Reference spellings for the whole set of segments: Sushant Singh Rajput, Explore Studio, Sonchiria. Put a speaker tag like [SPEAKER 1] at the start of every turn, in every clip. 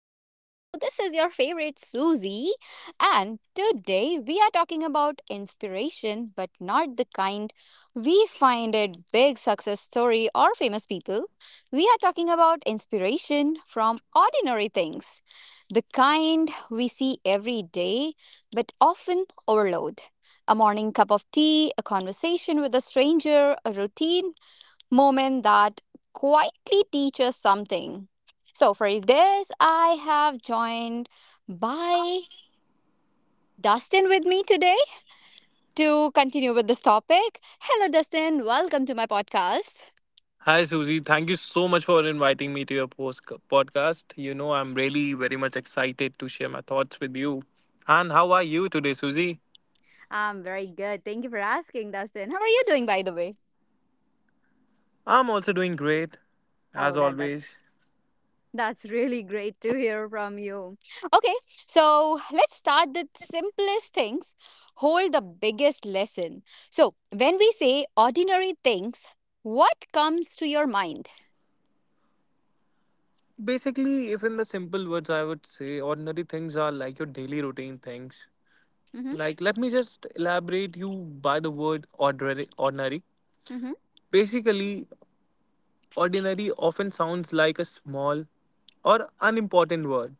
[SPEAKER 1] Studio. This is your favorite Susie, and today we are talking about inspiration, but not the kind we find at big success story or famous people. We are talking about inspiration from ordinary things, the kind we see every day, but often overload. A morning cup of tea, a conversation with a stranger, a routine moment that quietly teaches something. So, for this, I have joined by Dustin with me today to continue with this topic. Hello, Dustin. Welcome to my podcast.
[SPEAKER 2] Hi, Susie. Thank you so much for inviting me to your podcast. You know, I'm really very much excited to share my thoughts with you. And how are you today, Susie?
[SPEAKER 1] I'm very good. Thank you for asking, Dustin. How are you doing, by the way?
[SPEAKER 2] I'm also doing great,
[SPEAKER 1] Oh,
[SPEAKER 2] as
[SPEAKER 1] that
[SPEAKER 2] always.
[SPEAKER 1] that's That's really great to hear from you. Okay, so let's start with simplest things, hold the biggest lesson. So, when we say ordinary things, what comes to your mind?
[SPEAKER 2] Basically, if in the simple words, I would say ordinary things are like your daily routine things.
[SPEAKER 1] Mm-hmm.
[SPEAKER 2] Like, let me just elaborate you by the word ordinary.
[SPEAKER 1] Mm-hmm.
[SPEAKER 2] Basically, ordinary often sounds like a small or unimportant word,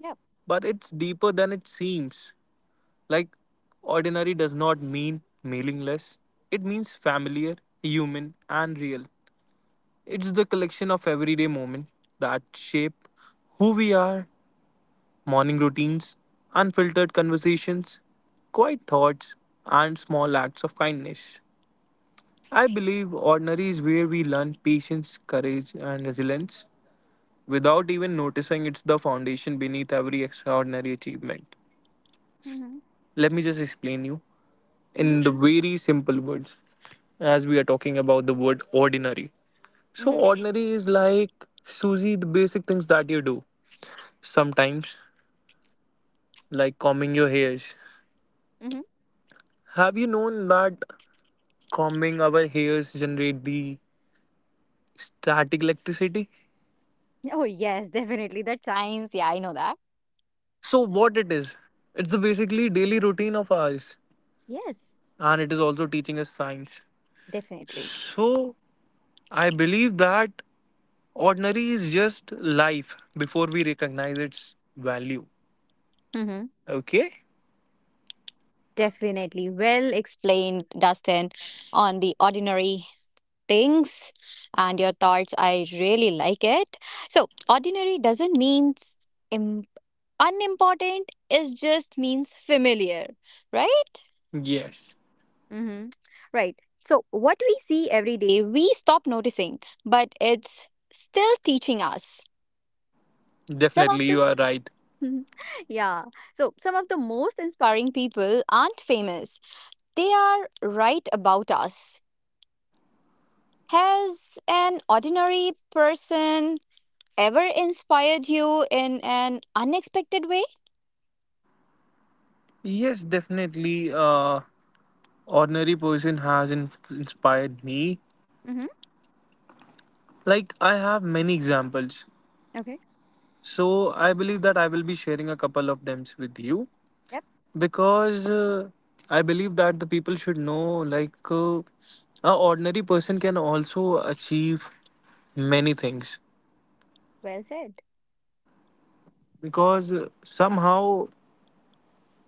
[SPEAKER 1] Yeah.
[SPEAKER 2] but it's deeper than it seems. Like, ordinary does not mean meaningless, it means familiar, human, and real. It's the collection of everyday moments that shape who we are, morning routines, unfiltered conversations, quiet thoughts, and small acts of kindness. I believe ordinary is where we learn patience, courage, and resilience. Without even noticing, it's the foundation beneath every extraordinary achievement.
[SPEAKER 1] Mm-hmm.
[SPEAKER 2] Let me just explain you. In
[SPEAKER 1] Mm-hmm.
[SPEAKER 2] the very simple words, as we are talking about the word ordinary, so
[SPEAKER 1] Mm-hmm.
[SPEAKER 2] ordinary is like, Susie, the basic things that you do sometimes, like combing your hairs.
[SPEAKER 1] Mm-hmm.
[SPEAKER 2] Have you known that combing our hairs generate the static electricity?
[SPEAKER 1] Oh, yes, definitely. That's science. Yeah, I know that.
[SPEAKER 2] So what it is, it's the basically daily routine of ours,
[SPEAKER 1] Yes,
[SPEAKER 2] and it is also teaching us science.
[SPEAKER 1] definitely.
[SPEAKER 2] So I believe that ordinary is just life before we recognize its value.
[SPEAKER 1] Hmm.
[SPEAKER 2] Okay.
[SPEAKER 1] Definitely. Well explained, Dustin, on the ordinary things and your thoughts. I really like it. So, ordinary doesn't mean Im- unimportant, it just means familiar, right?
[SPEAKER 2] Yes,
[SPEAKER 1] Mm-hmm. Right. So, what we see every day, we stop noticing, but it's still teaching us. some of
[SPEAKER 2] definitely, you are right.
[SPEAKER 1] the, yeah. So, some of the most inspiring people aren't famous, they are right about us. Has an ordinary person ever inspired you in an unexpected way?
[SPEAKER 2] Yes, definitely. Ordinary person has inspired me.
[SPEAKER 1] Mm-hmm.
[SPEAKER 2] Like I have many examples,
[SPEAKER 1] Okay.
[SPEAKER 2] so I believe that I will be sharing a couple of them with you
[SPEAKER 1] Yep.
[SPEAKER 2] because I believe that the people should know, like a ordinary person can also achieve many things,
[SPEAKER 1] Well said.
[SPEAKER 2] because somehow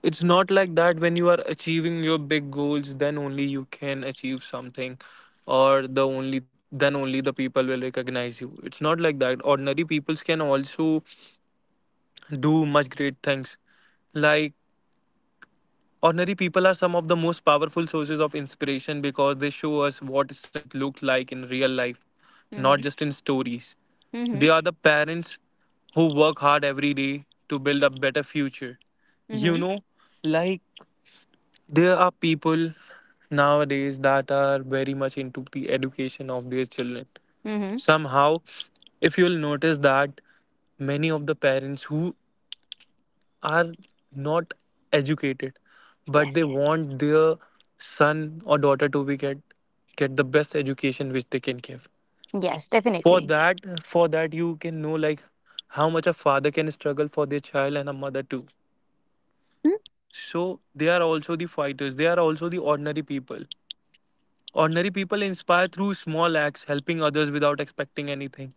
[SPEAKER 2] it's not like that when you are achieving your big goals then only you can achieve something, or the only, then only the people will recognize you. It's not like that ordinary peoples can also do much great things. Like, ordinary people are some of the most powerful sources of inspiration because they show us what strength looked like in real life, not
[SPEAKER 1] Mm-hmm.
[SPEAKER 2] just in stories.
[SPEAKER 1] Mm-hmm.
[SPEAKER 2] They are the parents who work hard every day to build a better future, you
[SPEAKER 1] Mm-hmm.
[SPEAKER 2] know. Like, there are people nowadays that are very much into the education of their children.
[SPEAKER 1] Mm-hmm.
[SPEAKER 2] Somehow, if you'll notice that many of the parents who are not educated but they
[SPEAKER 1] Yes.
[SPEAKER 2] want their son or daughter to be get the best education which they can give.
[SPEAKER 1] Yes,
[SPEAKER 2] For
[SPEAKER 1] definitely.
[SPEAKER 2] that, for that, you can know like how much a father can struggle for their child, and a mother too. So they are also the fighters, they are also the ordinary people. Ordinary people inspire through small acts, helping others without expecting anything,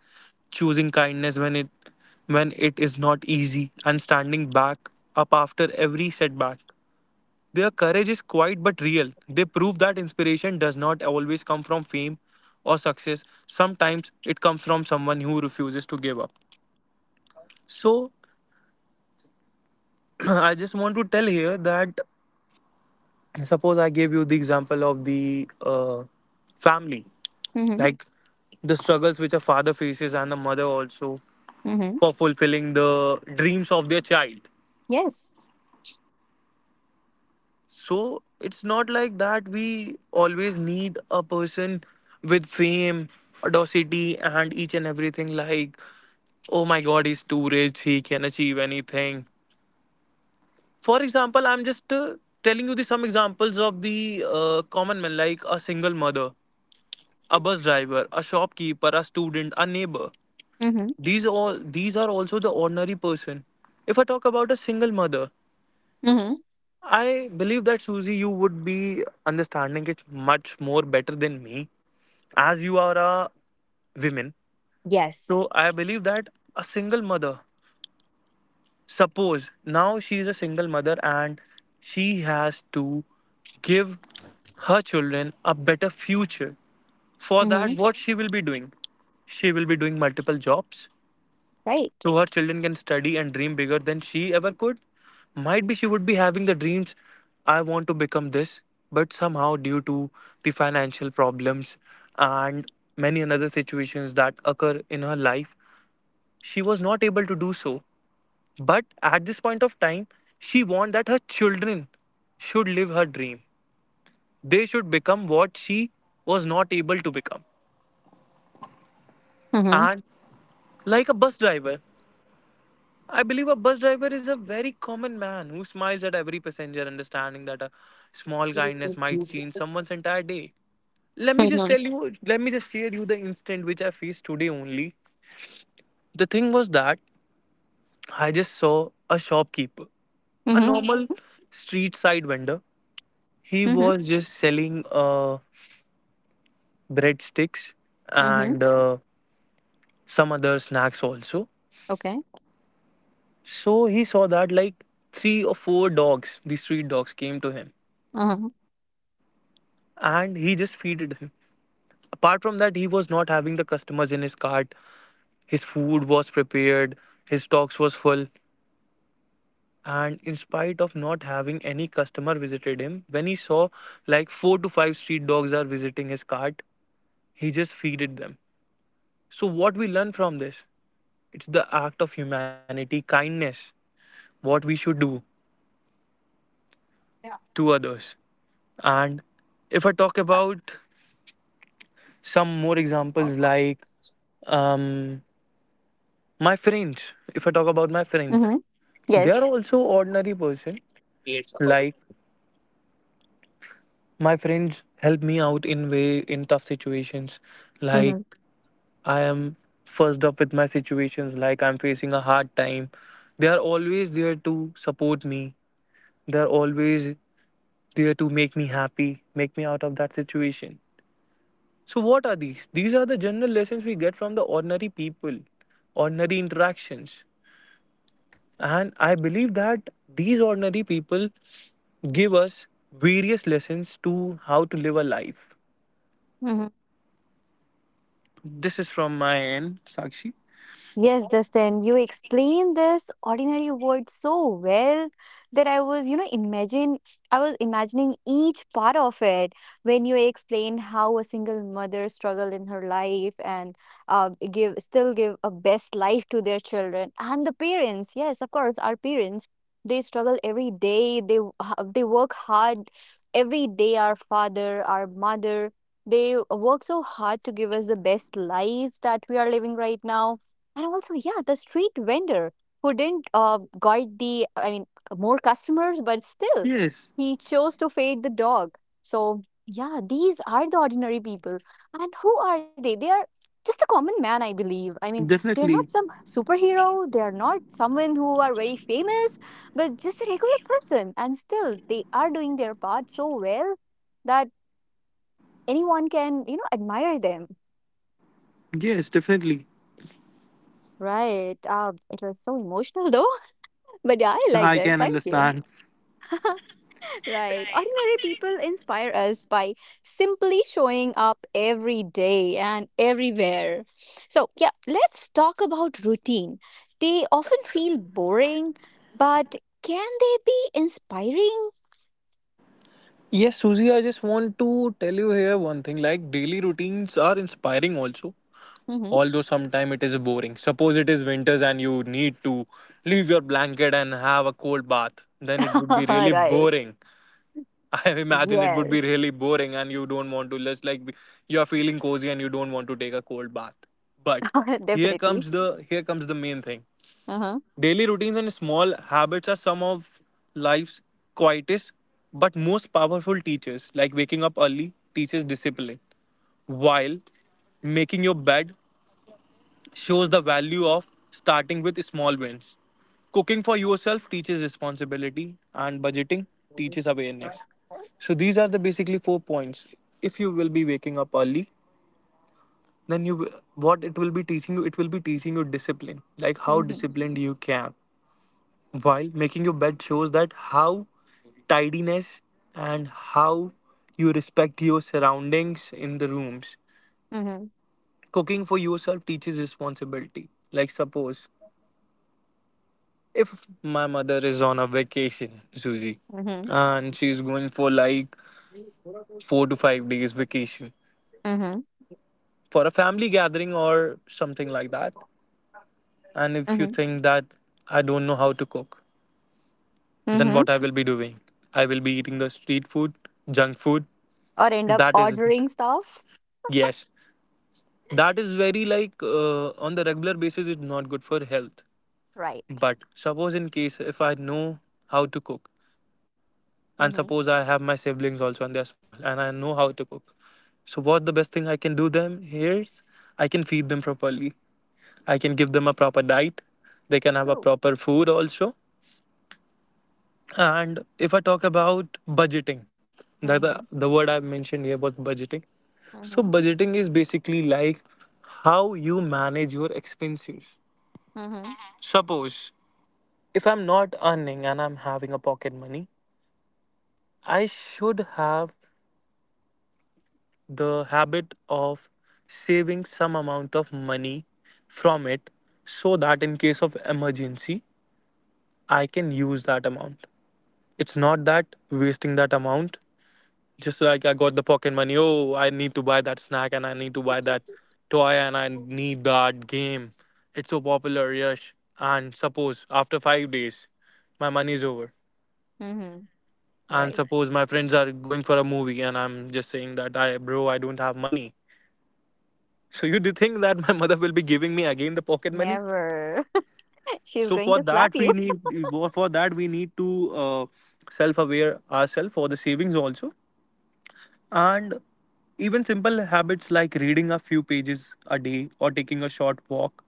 [SPEAKER 2] choosing kindness when it is not easy, and standing back up after every setback. Their courage is quiet but real. They prove that inspiration does not always come from fame or success. Sometimes it comes from someone who refuses to give up. So I just want to tell here that suppose I gave you the example of the family.
[SPEAKER 1] Mm-hmm.
[SPEAKER 2] Like, the struggles which a father faces, and a mother also,
[SPEAKER 1] Mm-hmm.
[SPEAKER 2] for fulfilling the dreams of their child.
[SPEAKER 1] Yes.
[SPEAKER 2] So it's not like that we always need a person with fame, audacity and each and everything, like, oh my god, he's too rich, he can achieve anything. For example, I'm just telling you the some examples of the common men, like a single mother, a bus driver, a shopkeeper, a student, a neighbor.
[SPEAKER 1] Mm-hmm.
[SPEAKER 2] These all, these are also the ordinary person. If I talk about a single mother,
[SPEAKER 1] Mm-hmm.
[SPEAKER 2] I believe that, Susie, you would be understanding it much more better than me, as you are a woman. So
[SPEAKER 1] Yes.
[SPEAKER 2] I believe that a single mother, suppose now she is a single mother and she has to give her children a better future. For that,
[SPEAKER 1] Mm-hmm.
[SPEAKER 2] what she will be doing? She will be doing multiple jobs,
[SPEAKER 1] Right.
[SPEAKER 2] to her children can study and dream bigger than she ever could. Might be she would be having the dreams, I want to become this, but somehow due to the financial problems and many another situations that occur in her life, she was not able to do so. But at this point of time, she wants that her children should live her dream. They should become what she was not able to become.
[SPEAKER 1] Mm-hmm.
[SPEAKER 2] And like a bus driver, I believe a bus driver is a very common man who smiles at every passenger, understanding that a small kindness might change someone's entire day. Let me just
[SPEAKER 1] Mm-hmm.
[SPEAKER 2] tell you, let me just share you the instant which I faced today only. The thing was that I just saw a shopkeeper, a
[SPEAKER 1] Mm-hmm.
[SPEAKER 2] normal street side vendor. He
[SPEAKER 1] Mm-hmm.
[SPEAKER 2] was just selling breadsticks
[SPEAKER 1] Mm-hmm.
[SPEAKER 2] and some other snacks also.
[SPEAKER 1] Okay.
[SPEAKER 2] So he saw that like 3 or 4 dogs, the street dogs, came to him,
[SPEAKER 1] Mm-hmm.
[SPEAKER 2] and he just feeded him. Apart from that, he was not having the customers in his cart. His food was prepared, his stocks was full, and in spite of not having any customer visited him, when he saw like 4 to 5 street dogs are visiting his cart, he just feeded them. So what we learn from this? It's the act of humanity, kindness, what we should do to others. And if I talk about some more examples, like um, my friends, if I talk about my friends,
[SPEAKER 1] Mm-hmm.
[SPEAKER 2] they are
[SPEAKER 1] Yes.
[SPEAKER 2] also ordinary person.
[SPEAKER 1] Yes.
[SPEAKER 2] Like, my friends help me out in way in tough situations.
[SPEAKER 1] Mm-hmm.
[SPEAKER 2] Like, I am first up with my situations, like I'm facing a hard time, they are always there to support me, they are always there to make me happy, make me out of that situation. So what are these? These are the general lessons we get from the ordinary people, ordinary interactions. And I believe that these ordinary people give us various lessons to how to live a life.
[SPEAKER 1] Mm-hmm.
[SPEAKER 2] This is from my end, Sakshi.
[SPEAKER 1] Yes, Dustin, you explained this ordinary word so well that I was, you know, imagine I was imagining each part of it when you explained how a single mother struggled in her life and give still give a best life to their children and the parents. Yes, of course, our parents they struggle every day. They work hard every day. Our father, our mother, they work so hard to give us the best life that we are living right now and also, yeah, the street vendor who didn't guide, I mean, more customers, but still,
[SPEAKER 2] Yes,
[SPEAKER 1] he chose to feed the dog. So, yeah, these are the ordinary people. And who are they? They are just a common man, I believe. I mean, they're not
[SPEAKER 2] definitely.
[SPEAKER 1] some superhero, they are not someone who are very famous, but just a regular person. And still, they are doing their part so well that anyone can, admire them.
[SPEAKER 2] Yes, definitely.
[SPEAKER 1] Right. It was so emotional, though. But yeah, I like
[SPEAKER 2] I
[SPEAKER 1] that.
[SPEAKER 2] can
[SPEAKER 1] Thank you.
[SPEAKER 2] understand.
[SPEAKER 1] Right. Ordinary people inspire us by simply showing up every day and everywhere. So, yeah, let's talk about routine. They often feel boring, but can they be inspiring?
[SPEAKER 2] Yes, Susie. I just want to tell you here one thing, like daily routines are inspiring also.
[SPEAKER 1] Hmm.
[SPEAKER 2] Although sometimes it is boring. Suppose it is winters and you need to leave your blanket and have a cold bath, then it would be really
[SPEAKER 1] Right.
[SPEAKER 2] boring. I imagine it would be
[SPEAKER 1] Yes.
[SPEAKER 2] really boring and you don't want to just like, you are feeling cozy and you don't want to take a cold bath. But here
[SPEAKER 1] Definitely.
[SPEAKER 2] comes the here comes the main thing.
[SPEAKER 1] Uh-huh.
[SPEAKER 2] Daily routines and small habits are some of life's quietest but most powerful teachers. Like waking up early teaches discipline, while making your bed shows the value of starting with small wins. Cooking for yourself teaches responsibility, and budgeting teaches awareness. So these are the basically 4 points. If you will be waking up early, then you will, what it will be teaching you, it will be teaching you discipline, like how
[SPEAKER 1] Mm-hmm.
[SPEAKER 2] disciplined you can. While making your bed shows that how tidiness and how you respect your surroundings in the rooms.
[SPEAKER 1] Mm-hmm.
[SPEAKER 2] Cooking for yourself teaches responsibility. Like, suppose if my mother is on a vacation, Susie,
[SPEAKER 1] Mm-hmm.
[SPEAKER 2] and she's going for like 4 to 5 days vacation
[SPEAKER 1] Mm-hmm.
[SPEAKER 2] for a family gathering or something like that, and if you
[SPEAKER 1] Mm-hmm.
[SPEAKER 2] think that I don't know how to cook, then
[SPEAKER 1] Mm-hmm.
[SPEAKER 2] what I will be doing? I will be eating the street food, junk food.
[SPEAKER 1] Or end up
[SPEAKER 2] That is,
[SPEAKER 1] ordering stuff.
[SPEAKER 2] yes, that is very like on the regular basis, it's not good for health.
[SPEAKER 1] Right.
[SPEAKER 2] But suppose in case if I know how to cook,
[SPEAKER 1] Mm-hmm.
[SPEAKER 2] and suppose I have my siblings also and they're small and I know how to cook, so what the best thing I can do them here is I can feed them properly, I can give them a proper diet, they can have a
[SPEAKER 1] True.
[SPEAKER 2] proper food also. And if I talk about budgeting, the, the,
[SPEAKER 1] Mm-hmm.
[SPEAKER 2] the word I have mentioned here was budgeting. So
[SPEAKER 1] Mhm.
[SPEAKER 2] budgeting is basically like how you manage your expenses.
[SPEAKER 1] Mhm.
[SPEAKER 2] Suppose if I'm not earning and I'm having a pocket money, I should have the habit of saving some amount of money from it, so that in case of emergency I can use that amount. It's not that wasting that amount, just like I got the pocket money, oh I need to buy that snack and I need to buy that toy and I need that game, it's so popular, yes. And suppose after 5 days my money is over,
[SPEAKER 1] Mhm.
[SPEAKER 2] and
[SPEAKER 1] Right.
[SPEAKER 2] suppose my friends are going for a movie and I'm just saying that, I bro, I don't have money. So you do think that my mother will be giving me again the pocket money?
[SPEAKER 1] Never. She's
[SPEAKER 2] So
[SPEAKER 1] going
[SPEAKER 2] for
[SPEAKER 1] to slap
[SPEAKER 2] that
[SPEAKER 1] you.
[SPEAKER 2] we need, for that we need to self-aware ourselves for the savings also, and even simple habits like reading a few pages a day or taking a short walk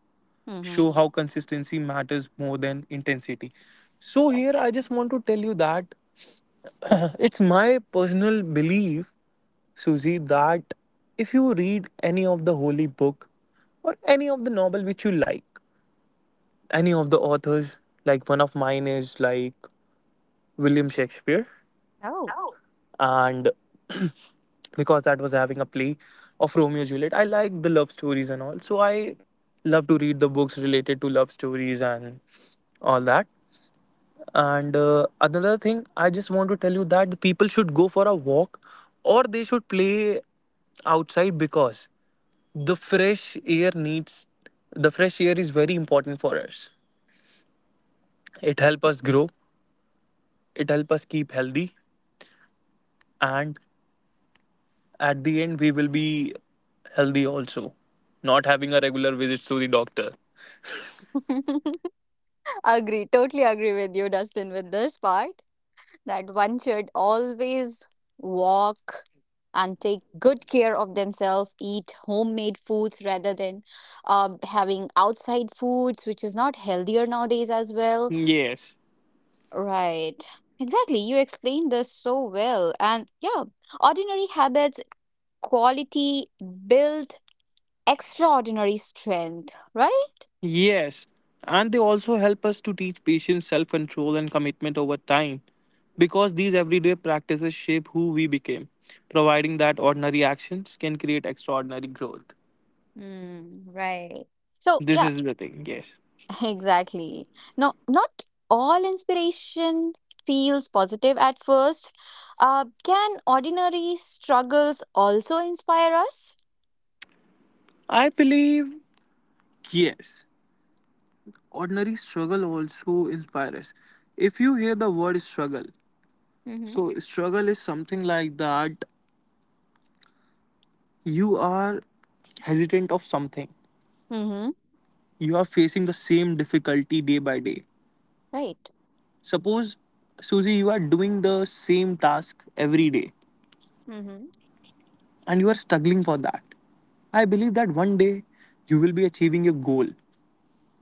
[SPEAKER 1] Mhm.
[SPEAKER 2] show how consistency matters more than intensity. So here
[SPEAKER 1] Yes.
[SPEAKER 2] I just want to tell you that it's my personal belief, Susie, that if you read any of the holy book or any of the novel which you like, any of the authors, like one of mine is like William Shakespeare.
[SPEAKER 1] Oh.
[SPEAKER 2] And because that was having a play of Romeo and Juliet, I like the love stories and all, so I love to read the books related to love stories and all that. And another thing I just want to tell you that the people should go for a walk or they should play outside, because the fresh air needs the fresh air is very important for us. It helps
[SPEAKER 1] Yes.
[SPEAKER 2] us grow, it help us keep healthy, and at the end we will be healthy also, not having a regular visits to the doctor.
[SPEAKER 1] Agree. Totally agree with you, Dustin, with this part that one should always walk and take good care of themselves, eat homemade foods rather than having outside foods, which is not healthier nowadays as well.
[SPEAKER 2] Yes.
[SPEAKER 1] Right. Exactly. You explained this so well. And yeah, ordinary habits, quality build extraordinary strength, right?
[SPEAKER 2] Yes. And they also help us to teach patients self control and commitment over time, because these everyday practices shape who we became, providing that ordinary actions can create extraordinary growth.
[SPEAKER 1] Mm, right. So,
[SPEAKER 2] This
[SPEAKER 1] yeah,
[SPEAKER 2] is the thing, yes.
[SPEAKER 1] exactly. No, not all inspiration feels positive at first. Can ordinary struggles also inspire us?
[SPEAKER 2] I believe, yes, ordinary struggle also inspires us. If you hear the word struggle,
[SPEAKER 1] Mm-hmm.
[SPEAKER 2] so struggle is something like that. You are hesitant of something.
[SPEAKER 1] Mm-hmm.
[SPEAKER 2] You are facing the same difficulty day by day.
[SPEAKER 1] Right.
[SPEAKER 2] Suppose, Susie, you are doing the same task every day
[SPEAKER 1] Mm-hmm.
[SPEAKER 2] and you are struggling for that. I believe that one day you will be achieving your goal.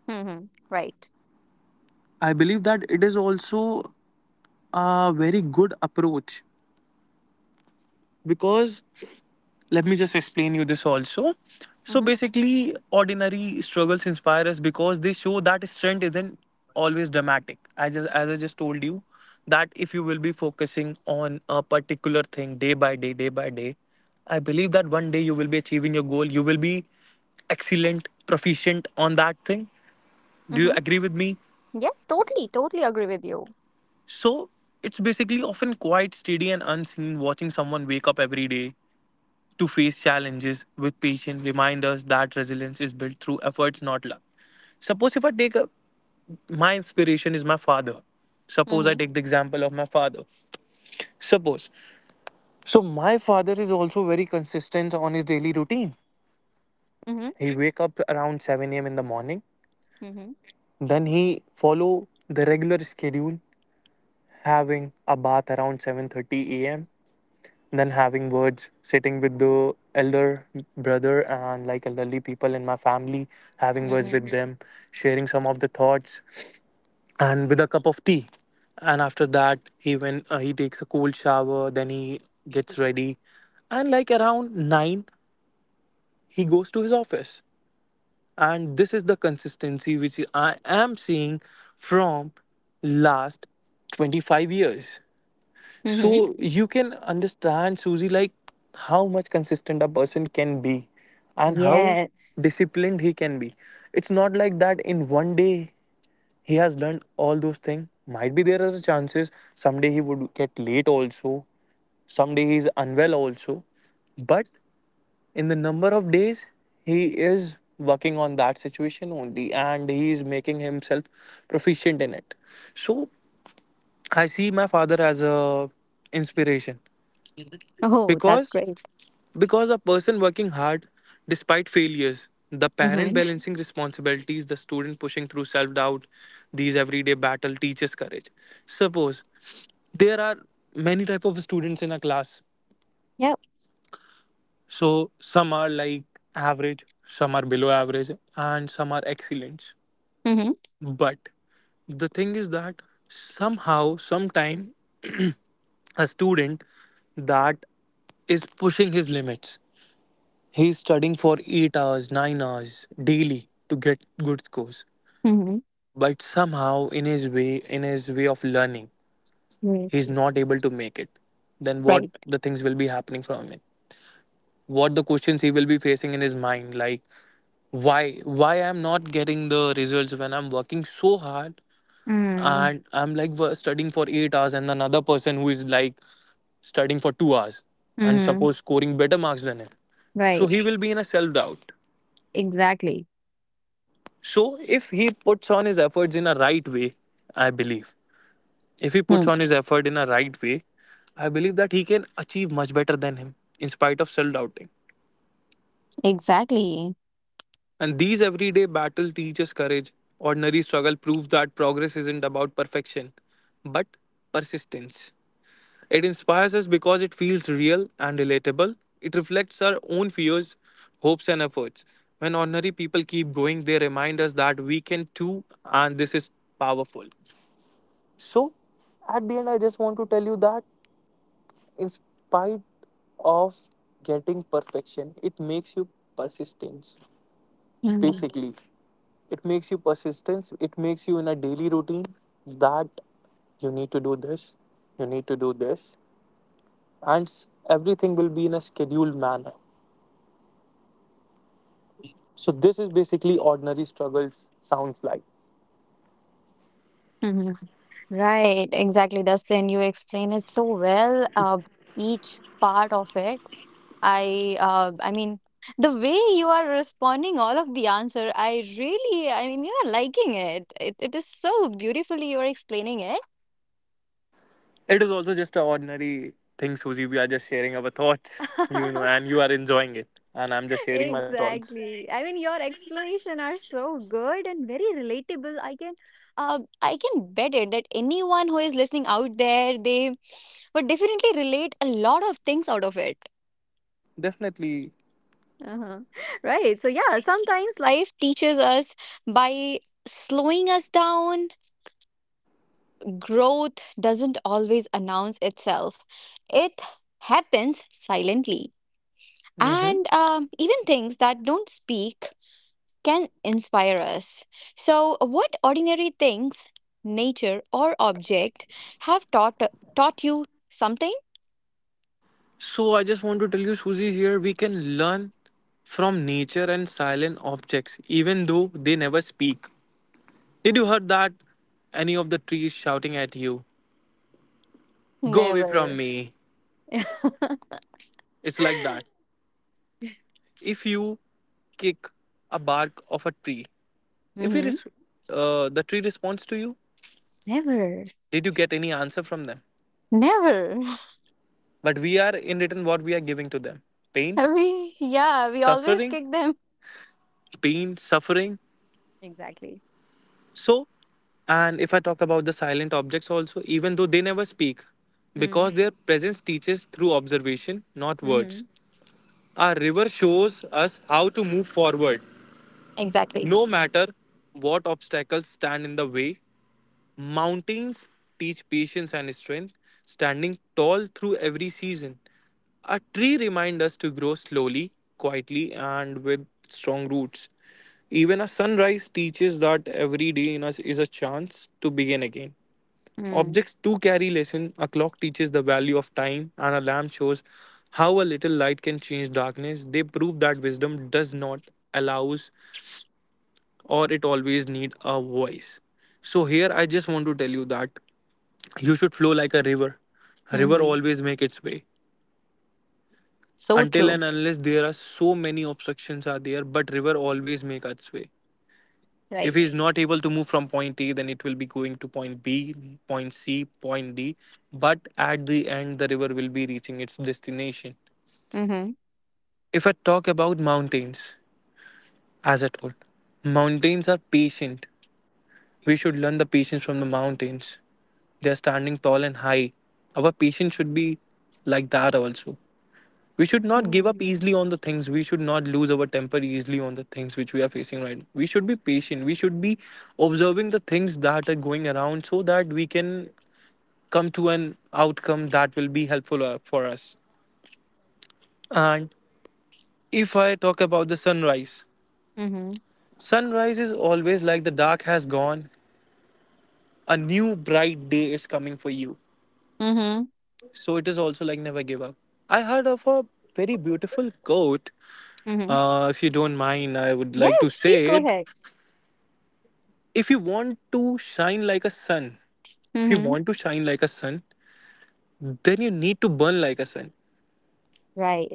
[SPEAKER 1] Mm-hmm. Right.
[SPEAKER 2] I believe that it is also a very good approach, because let me just explain you this also. So
[SPEAKER 1] Mm-hmm.
[SPEAKER 2] basically ordinary struggles inspire us because they show that strength isn't always dramatic. I just As I just told you, that if you will be focusing on a particular thing day by day day by day, I believe that one day you will be achieving your goal. You will be excellent proficient on that thing. Do you
[SPEAKER 1] Mm-hmm.
[SPEAKER 2] agree with me?
[SPEAKER 1] Yes, totally, totally agree with you.
[SPEAKER 2] So it's basically often quite steady and unseen. Watching someone wake up every day to face challenges with patience remind us that resilience is built through effort, not luck. Suppose if I take a, my inspiration is my father. Suppose I
[SPEAKER 1] Mhm.
[SPEAKER 2] take the example of my father. Suppose. So my father is also very consistent on his daily routine.
[SPEAKER 1] Mhm.
[SPEAKER 2] He wake up around 7 a.m. in the morning.
[SPEAKER 1] Mhm.
[SPEAKER 2] Then he follow the regular schedule, having a bath around 7:30 a.m. Then having words, sitting with the elder brother and like elderly people in my family, having words
[SPEAKER 1] Mhm.
[SPEAKER 2] with them, sharing some of the thoughts, and with a cup of tea. And after that, he went. He takes a cold shower. Then he gets ready, and like around nine, he goes to his office. And this is the consistency which I am seeing from last 25 years.
[SPEAKER 1] Mhm.
[SPEAKER 2] So you can understand, Susie, like how much consistent a person can be and how
[SPEAKER 1] Yes.
[SPEAKER 2] disciplined he can be. It's not like that in one day he has learned all those things. Might be there are chances someday he would get late also, someday he is unwell also. But in the number of days he is working on that situation only, and he is making himself proficient in it. So I see my father as a inspiration,
[SPEAKER 1] Oh, that's
[SPEAKER 2] because
[SPEAKER 1] great.
[SPEAKER 2] because a person working hard despite failures, the parent
[SPEAKER 1] Mhm.
[SPEAKER 2] balancing responsibilities, the student pushing through self doubt, these everyday battle teaches courage. Suppose there are many type of students in a class.
[SPEAKER 1] Yep.
[SPEAKER 2] So some are like average, some are below average, and some are excellent.
[SPEAKER 1] Mhm.
[SPEAKER 2] But the thing is that somehow sometime a student that is pushing his limits. He's studying for 8 hours, 9 hours daily to get good scores.
[SPEAKER 1] Mhm.
[SPEAKER 2] But somehow in his way of learning, he's
[SPEAKER 1] Right.
[SPEAKER 2] not able to make it. Then what
[SPEAKER 1] Right.
[SPEAKER 2] the things will be happening from it? What the questions he will be facing in his mind, like why I'm not getting the results when I'm working so hard,
[SPEAKER 1] Mm.
[SPEAKER 2] and I'm like studying for 8 hours, and another person who is like studying for 2 hours and
[SPEAKER 1] Mhm.
[SPEAKER 2] suppose scoring better marks than him. So
[SPEAKER 1] Right.
[SPEAKER 2] he will be in a self doubt.
[SPEAKER 1] Exactly.
[SPEAKER 2] So if he puts on his efforts in a right way, I believe, if he puts
[SPEAKER 1] Hmm.
[SPEAKER 2] on his effort in a right way, I believe that he can achieve much better than him in spite of self-doubting.
[SPEAKER 1] Exactly.
[SPEAKER 2] And these everyday battle teaches courage. Ordinary struggle proves that progress isn't about perfection, but persistence. It inspires us because it feels real and relatable. It reflects our own fears, hopes, and efforts. When ordinary people keep going, they remind us that we can too, and this is powerful. So, at the end, I just want to tell you that in spite of getting perfection, it makes you persistence.
[SPEAKER 1] Mhm.
[SPEAKER 2] Basically, it makes you persistence. It makes you in a daily routine that you need to do this, you need to do this, and everything will be in a scheduled manner. So, this is basically ordinary struggles sounds like.
[SPEAKER 1] Mhm. Right. Exactly, Dustin. You explain it so well. Each part of it. I mean, the way you are responding all of the answer I mean you're liking it. It is so beautifully you're explaining it.
[SPEAKER 2] It is also just a ordinary thing, Susie. We are just sharing our thoughts, and you are enjoying it. And I'm just sharing my thoughts.
[SPEAKER 1] Exactly. I mean, your explanation are so good and very relatable. I can bet it that anyone who is listening out there they would definitely relate a lot of things out of it.
[SPEAKER 2] Definitely.
[SPEAKER 1] Uh-huh. Right. So yeah, sometimes life teaches us by slowing us down. Growth doesn't always announce itself. It happens silently.
[SPEAKER 2] Hmm.
[SPEAKER 1] And even things that don't speak can inspire us. So, what ordinary things, nature or object, have taught you something?
[SPEAKER 2] So I just want to tell you, Susie, here we can learn from nature and silent objects, even though they never speak. Did you heard that? Any of the trees shouting at you, "Go away from
[SPEAKER 1] Never.
[SPEAKER 2] me!" It's like that. If you kick a bark of a tree, if it
[SPEAKER 1] Mm-hmm.
[SPEAKER 2] is the tree responds to you,
[SPEAKER 1] Never.
[SPEAKER 2] did you get any answer from them?
[SPEAKER 1] Never.
[SPEAKER 2] But we are in return what we are giving to them: pain,
[SPEAKER 1] we yeah, we always
[SPEAKER 2] suffering,
[SPEAKER 1] kick them.
[SPEAKER 2] pain, suffering.
[SPEAKER 1] Exactly.
[SPEAKER 2] So, and if I talk about the silent objects also, even though they never speak,
[SPEAKER 1] Mm.
[SPEAKER 2] because their presence teaches through observation, not words.
[SPEAKER 1] Mm-hmm.
[SPEAKER 2] Our river shows us how to move forward,
[SPEAKER 1] Exactly.
[SPEAKER 2] no matter what obstacles stand in the way. Mountains teach patience and strength, standing tall through every season. A tree reminds us to grow slowly, quietly, and with strong roots. Even a sunrise teaches that every day in us is a chance to begin again.
[SPEAKER 1] Mm.
[SPEAKER 2] Objects too carry lesson. A clock teaches the value of time, and a lamp shows how a little light can change darkness. They prove that wisdom does not allow or it always need a voice. So here I just want to tell you that you should flow like a river. A river
[SPEAKER 1] Mm-hmm.
[SPEAKER 2] always make its way.
[SPEAKER 1] So
[SPEAKER 2] Until
[SPEAKER 1] true.
[SPEAKER 2] and unless there are so many obstructions are there, but river always make its way. If he is
[SPEAKER 1] Right.
[SPEAKER 2] not able to move from point A, then it will be going to point B, point C, point D, but at the end the river will be reaching its destination.
[SPEAKER 1] Mm-hmm.
[SPEAKER 2] If I talk about mountains, as I told, mountains are patient. We should learn the patience from the mountains. They're standing tall and high. Our patience should be like that also. We should not give up
[SPEAKER 1] Mm.
[SPEAKER 2] easily on the things. We should not lose our temper easily on the things which we are facing right now. We should be patient. We should be observing the things that are going around, so that we can come to an outcome that will be helpful for us. And if I talk about the sunrise,
[SPEAKER 1] Mm-hmm.
[SPEAKER 2] sunrise is always like the dark has gone, a new bright day is coming for you.
[SPEAKER 1] Mm-hmm.
[SPEAKER 2] So it is also like never give up. I heard of a very beautiful quote.
[SPEAKER 1] Mm-hmm.
[SPEAKER 2] If you don't mind, I would like to
[SPEAKER 1] Yes, please
[SPEAKER 2] say
[SPEAKER 1] go
[SPEAKER 2] it.
[SPEAKER 1] ahead.
[SPEAKER 2] If you want to shine like a sun, if you
[SPEAKER 1] Mm-hmm.
[SPEAKER 2] want to shine like a sun, then you need to burn like a sun.
[SPEAKER 1] Right.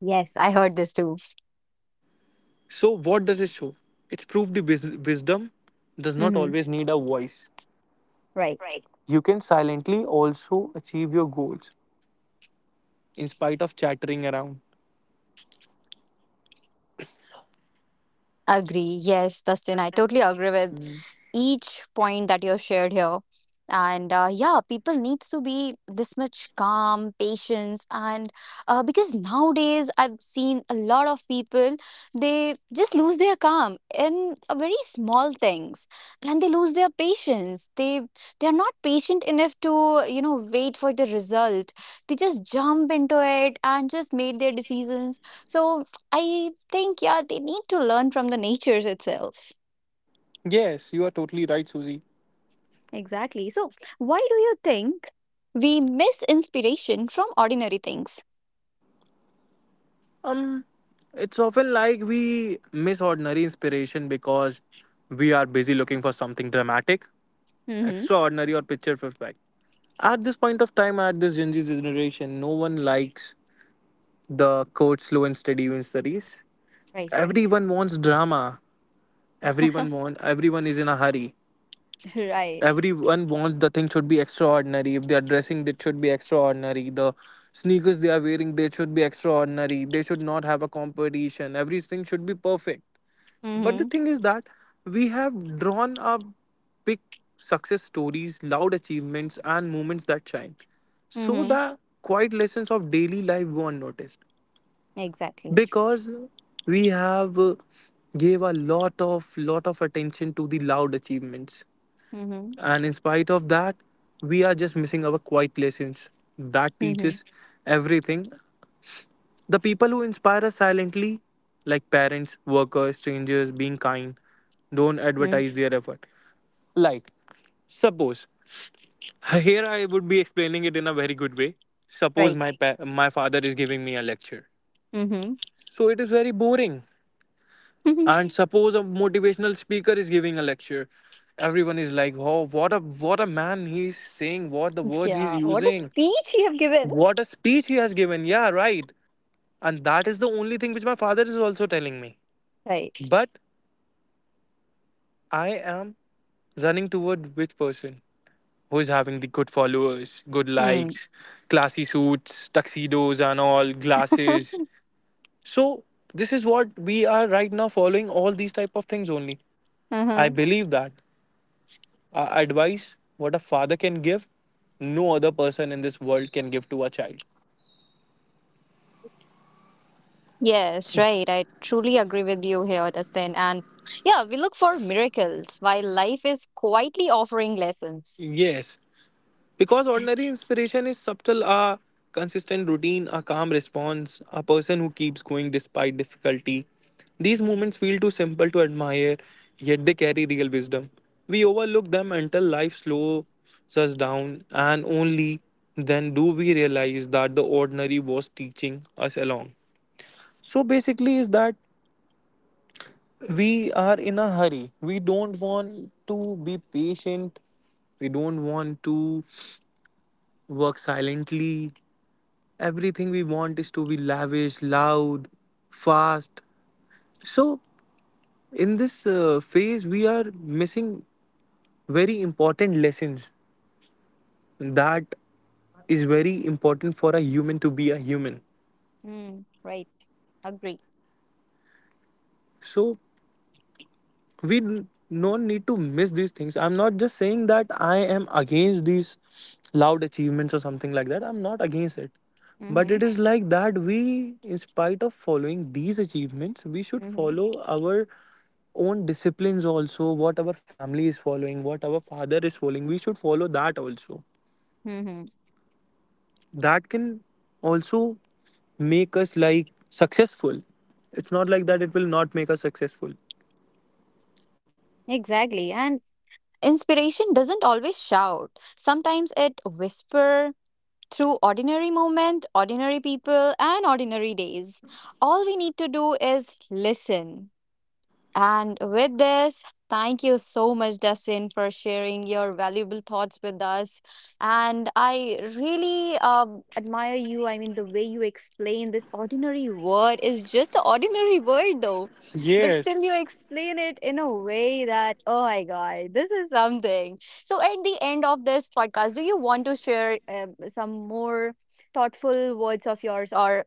[SPEAKER 1] Yes, I heard this too.
[SPEAKER 2] So what does it show? It's proof the wisdom does not
[SPEAKER 1] Mm-hmm.
[SPEAKER 2] always need a voice.
[SPEAKER 1] Right.
[SPEAKER 2] You can silently also achieve your goals in spite of chattering around.
[SPEAKER 1] Agree. Yes, Dustin, I totally agree with each point that you've shared here. And yeah, people needs to be this much calm, patience, and because nowadays I've seen a lot of people they just lose their calm in a very small things, and they lose their patience. They are not patient enough to wait for the result. They just jump into it and just made their decisions. So I think yeah, they need to learn from the natures itself.
[SPEAKER 2] Yes, you are totally right, Susie.
[SPEAKER 1] Exactly. So, why do you think we miss inspiration from ordinary things?
[SPEAKER 2] Um, it's often like we miss ordinary inspiration because we are busy looking for something dramatic,
[SPEAKER 1] Mm-hmm.
[SPEAKER 2] extraordinary, or picture perfect. At this point of time, at this Gen Z generation, no one likes the quote slow and steady wins the race.
[SPEAKER 1] Right.
[SPEAKER 2] Everyone wants drama. Everyone want. Everyone is in a hurry.
[SPEAKER 1] Right.
[SPEAKER 2] Everyone wants the thing should be extraordinary. If they are dressing, it should be extraordinary. The sneakers they are wearing, they should be extraordinary. They should not have a competition. Everything should be perfect. But the
[SPEAKER 1] Mm-hmm.
[SPEAKER 2] thing is that we have drawn up big success stories, loud achievements, and moments that shine. So
[SPEAKER 1] Mm-hmm.
[SPEAKER 2] the quiet lessons of daily life go unnoticed,
[SPEAKER 1] Exactly.
[SPEAKER 2] because we have gave a lot of attention to the loud achievements,
[SPEAKER 1] Mm-hmm.
[SPEAKER 2] and in spite of that, we are just missing our quiet lessons that
[SPEAKER 1] Mm-hmm.
[SPEAKER 2] teaches everything. The people who inspire us silently, like parents, workers, strangers, being kind, don't
[SPEAKER 1] Mm.
[SPEAKER 2] advertise their effort. Like, suppose here I would be explaining it in a very good way. Suppose
[SPEAKER 1] Right.
[SPEAKER 2] my father is giving me a lecture,
[SPEAKER 1] Mm-hmm.
[SPEAKER 2] so it is very boring. And suppose a motivational speaker is giving a lecture, everyone is like, "Oh, what a man he's saying! What the words he's
[SPEAKER 1] Yeah. What a
[SPEAKER 2] using!
[SPEAKER 1] speech you have given.
[SPEAKER 2] What a speech he has given!" Yeah, right. And that is the only thing which my father is also telling me.
[SPEAKER 1] Right.
[SPEAKER 2] But I am running toward which person who is having the good followers, good
[SPEAKER 1] Mm.
[SPEAKER 2] likes, classy suits, tuxedos, and all glasses. So this is what we are right now following, all these type of things only. I
[SPEAKER 1] Uh-huh.
[SPEAKER 2] believe that advice what a father can give, no other person in this world can give to a child.
[SPEAKER 1] Yes, right. I truly agree with you here, Dustin. And yeah, we look for miracles while life is quietly offering lessons.
[SPEAKER 2] Yes, because ordinary inspiration is subtle, a consistent routine, a calm response, a person who keeps going despite difficulty. These moments feel too simple to admire, yet they carry real wisdom. We overlook them until life slows us down, and only then do we realize that the ordinary was teaching us along. So basically, is that we are in a hurry. We don't want to be patient. We don't want to work silently. Everything we want is to be lavish, loud, fast. So, in this phase, we are missing very important lessons that is very important for a human to be a human.
[SPEAKER 1] Mm. Right. Agree.
[SPEAKER 2] So, not need to miss these things. I'm not just saying that I am against these loud achievements or something like that, I'm not against it, but
[SPEAKER 1] Mm-hmm.
[SPEAKER 2] it is like that we, in spite of following these achievements, we should
[SPEAKER 1] Mm-hmm.
[SPEAKER 2] follow our own disciplines also. What our family is following, what our father is following, we should follow that also.
[SPEAKER 1] Mm-hmm.
[SPEAKER 2] That can also make us like successful. It's not like that it will not make us successful.
[SPEAKER 1] Exactly. And inspiration doesn't always shout. Sometimes it whisper through ordinary moment, ordinary people and ordinary days. All we need to do is listen. And with this, thank you so much, Dustin, for sharing your valuable thoughts with us. And I really admire you. I mean, the way you explain this ordinary word is just an ordinary word, though. But still,
[SPEAKER 2] Yes.
[SPEAKER 1] you explain it in a way that, oh my God, this is something. So, at the end of this podcast, do you want to share some more thoughtful words of yours or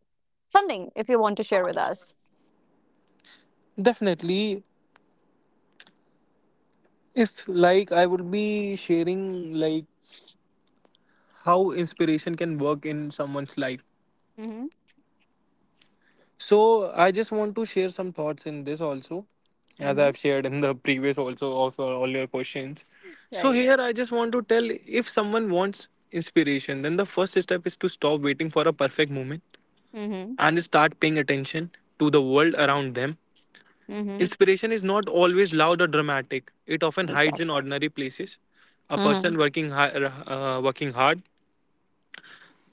[SPEAKER 1] something if you want to share with us?
[SPEAKER 2] Definitely. If like I would be sharing like how inspiration can work in someone's life.
[SPEAKER 1] Mm-hmm.
[SPEAKER 2] So I just want to share some thoughts in this also, as
[SPEAKER 1] Mm-hmm.
[SPEAKER 2] I've shared in the previous also of all your questions. So
[SPEAKER 1] Right.
[SPEAKER 2] here I just want to tell, if someone wants inspiration, then the first step is to stop waiting for a perfect moment
[SPEAKER 1] Mm-hmm.
[SPEAKER 2] and start paying attention to the world around them.
[SPEAKER 1] Mm-hmm.
[SPEAKER 2] Inspiration is not always loud or dramatic. It often hides in
[SPEAKER 1] Exactly.
[SPEAKER 2] ordinary places. A
[SPEAKER 1] Mm-hmm.
[SPEAKER 2] person working hi- working hard.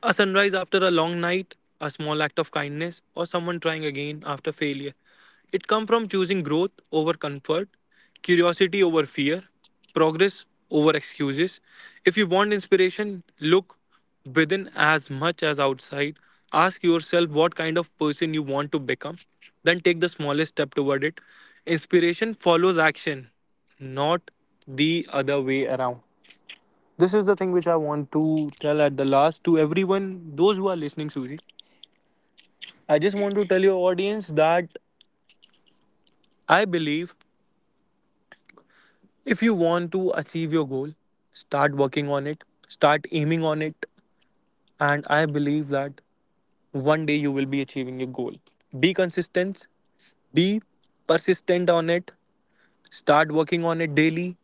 [SPEAKER 2] A sunrise after a long night, a small act of kindness, or someone trying again after failure. It comes from choosing growth over comfort, curiosity over fear, progress over excuses. If you want inspiration, look within as much as outside. Ask yourself what kind of person you want to become, then take the smallest step toward it. Inspiration follows action, not the other way around. This is the thing which I want to tell at the last to everyone, those who are listening, Suji. I just want to tell your audience that I believe, if you want to achieve your goal, start working on it, start aiming on it, and I believe that one day you will be achieving your goal. Be consistent, be persistent on it, start working on it daily,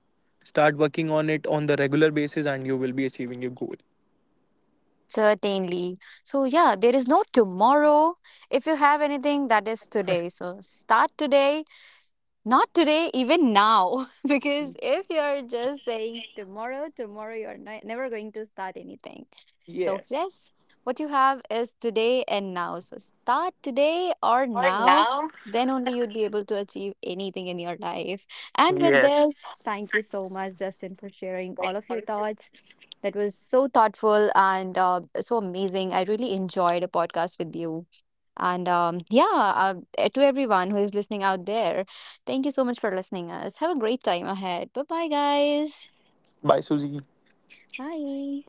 [SPEAKER 2] start working on it on the regular basis, and you will be achieving your goal.
[SPEAKER 1] Certainly. So, yeah, there is no tomorrow. If you have anything, that is today. So, start today. Not today, even now. Because if you're just saying tomorrow, tomorrow, you're never going to start anything. So,
[SPEAKER 2] Yes.
[SPEAKER 1] yes, what you have is today and now. So, start today or now, then only you'd be able to achieve anything in your life. And with
[SPEAKER 2] Yes.
[SPEAKER 1] this, thank you so much, Dustin, for sharing all of your thoughts. That was so thoughtful and so amazing. I really enjoyed a podcast with you. And yeah, to everyone who is listening out there, thank you so much for listening us. Have a great time ahead. Bye bye, guys.
[SPEAKER 2] Bye, Suji.
[SPEAKER 1] Bye.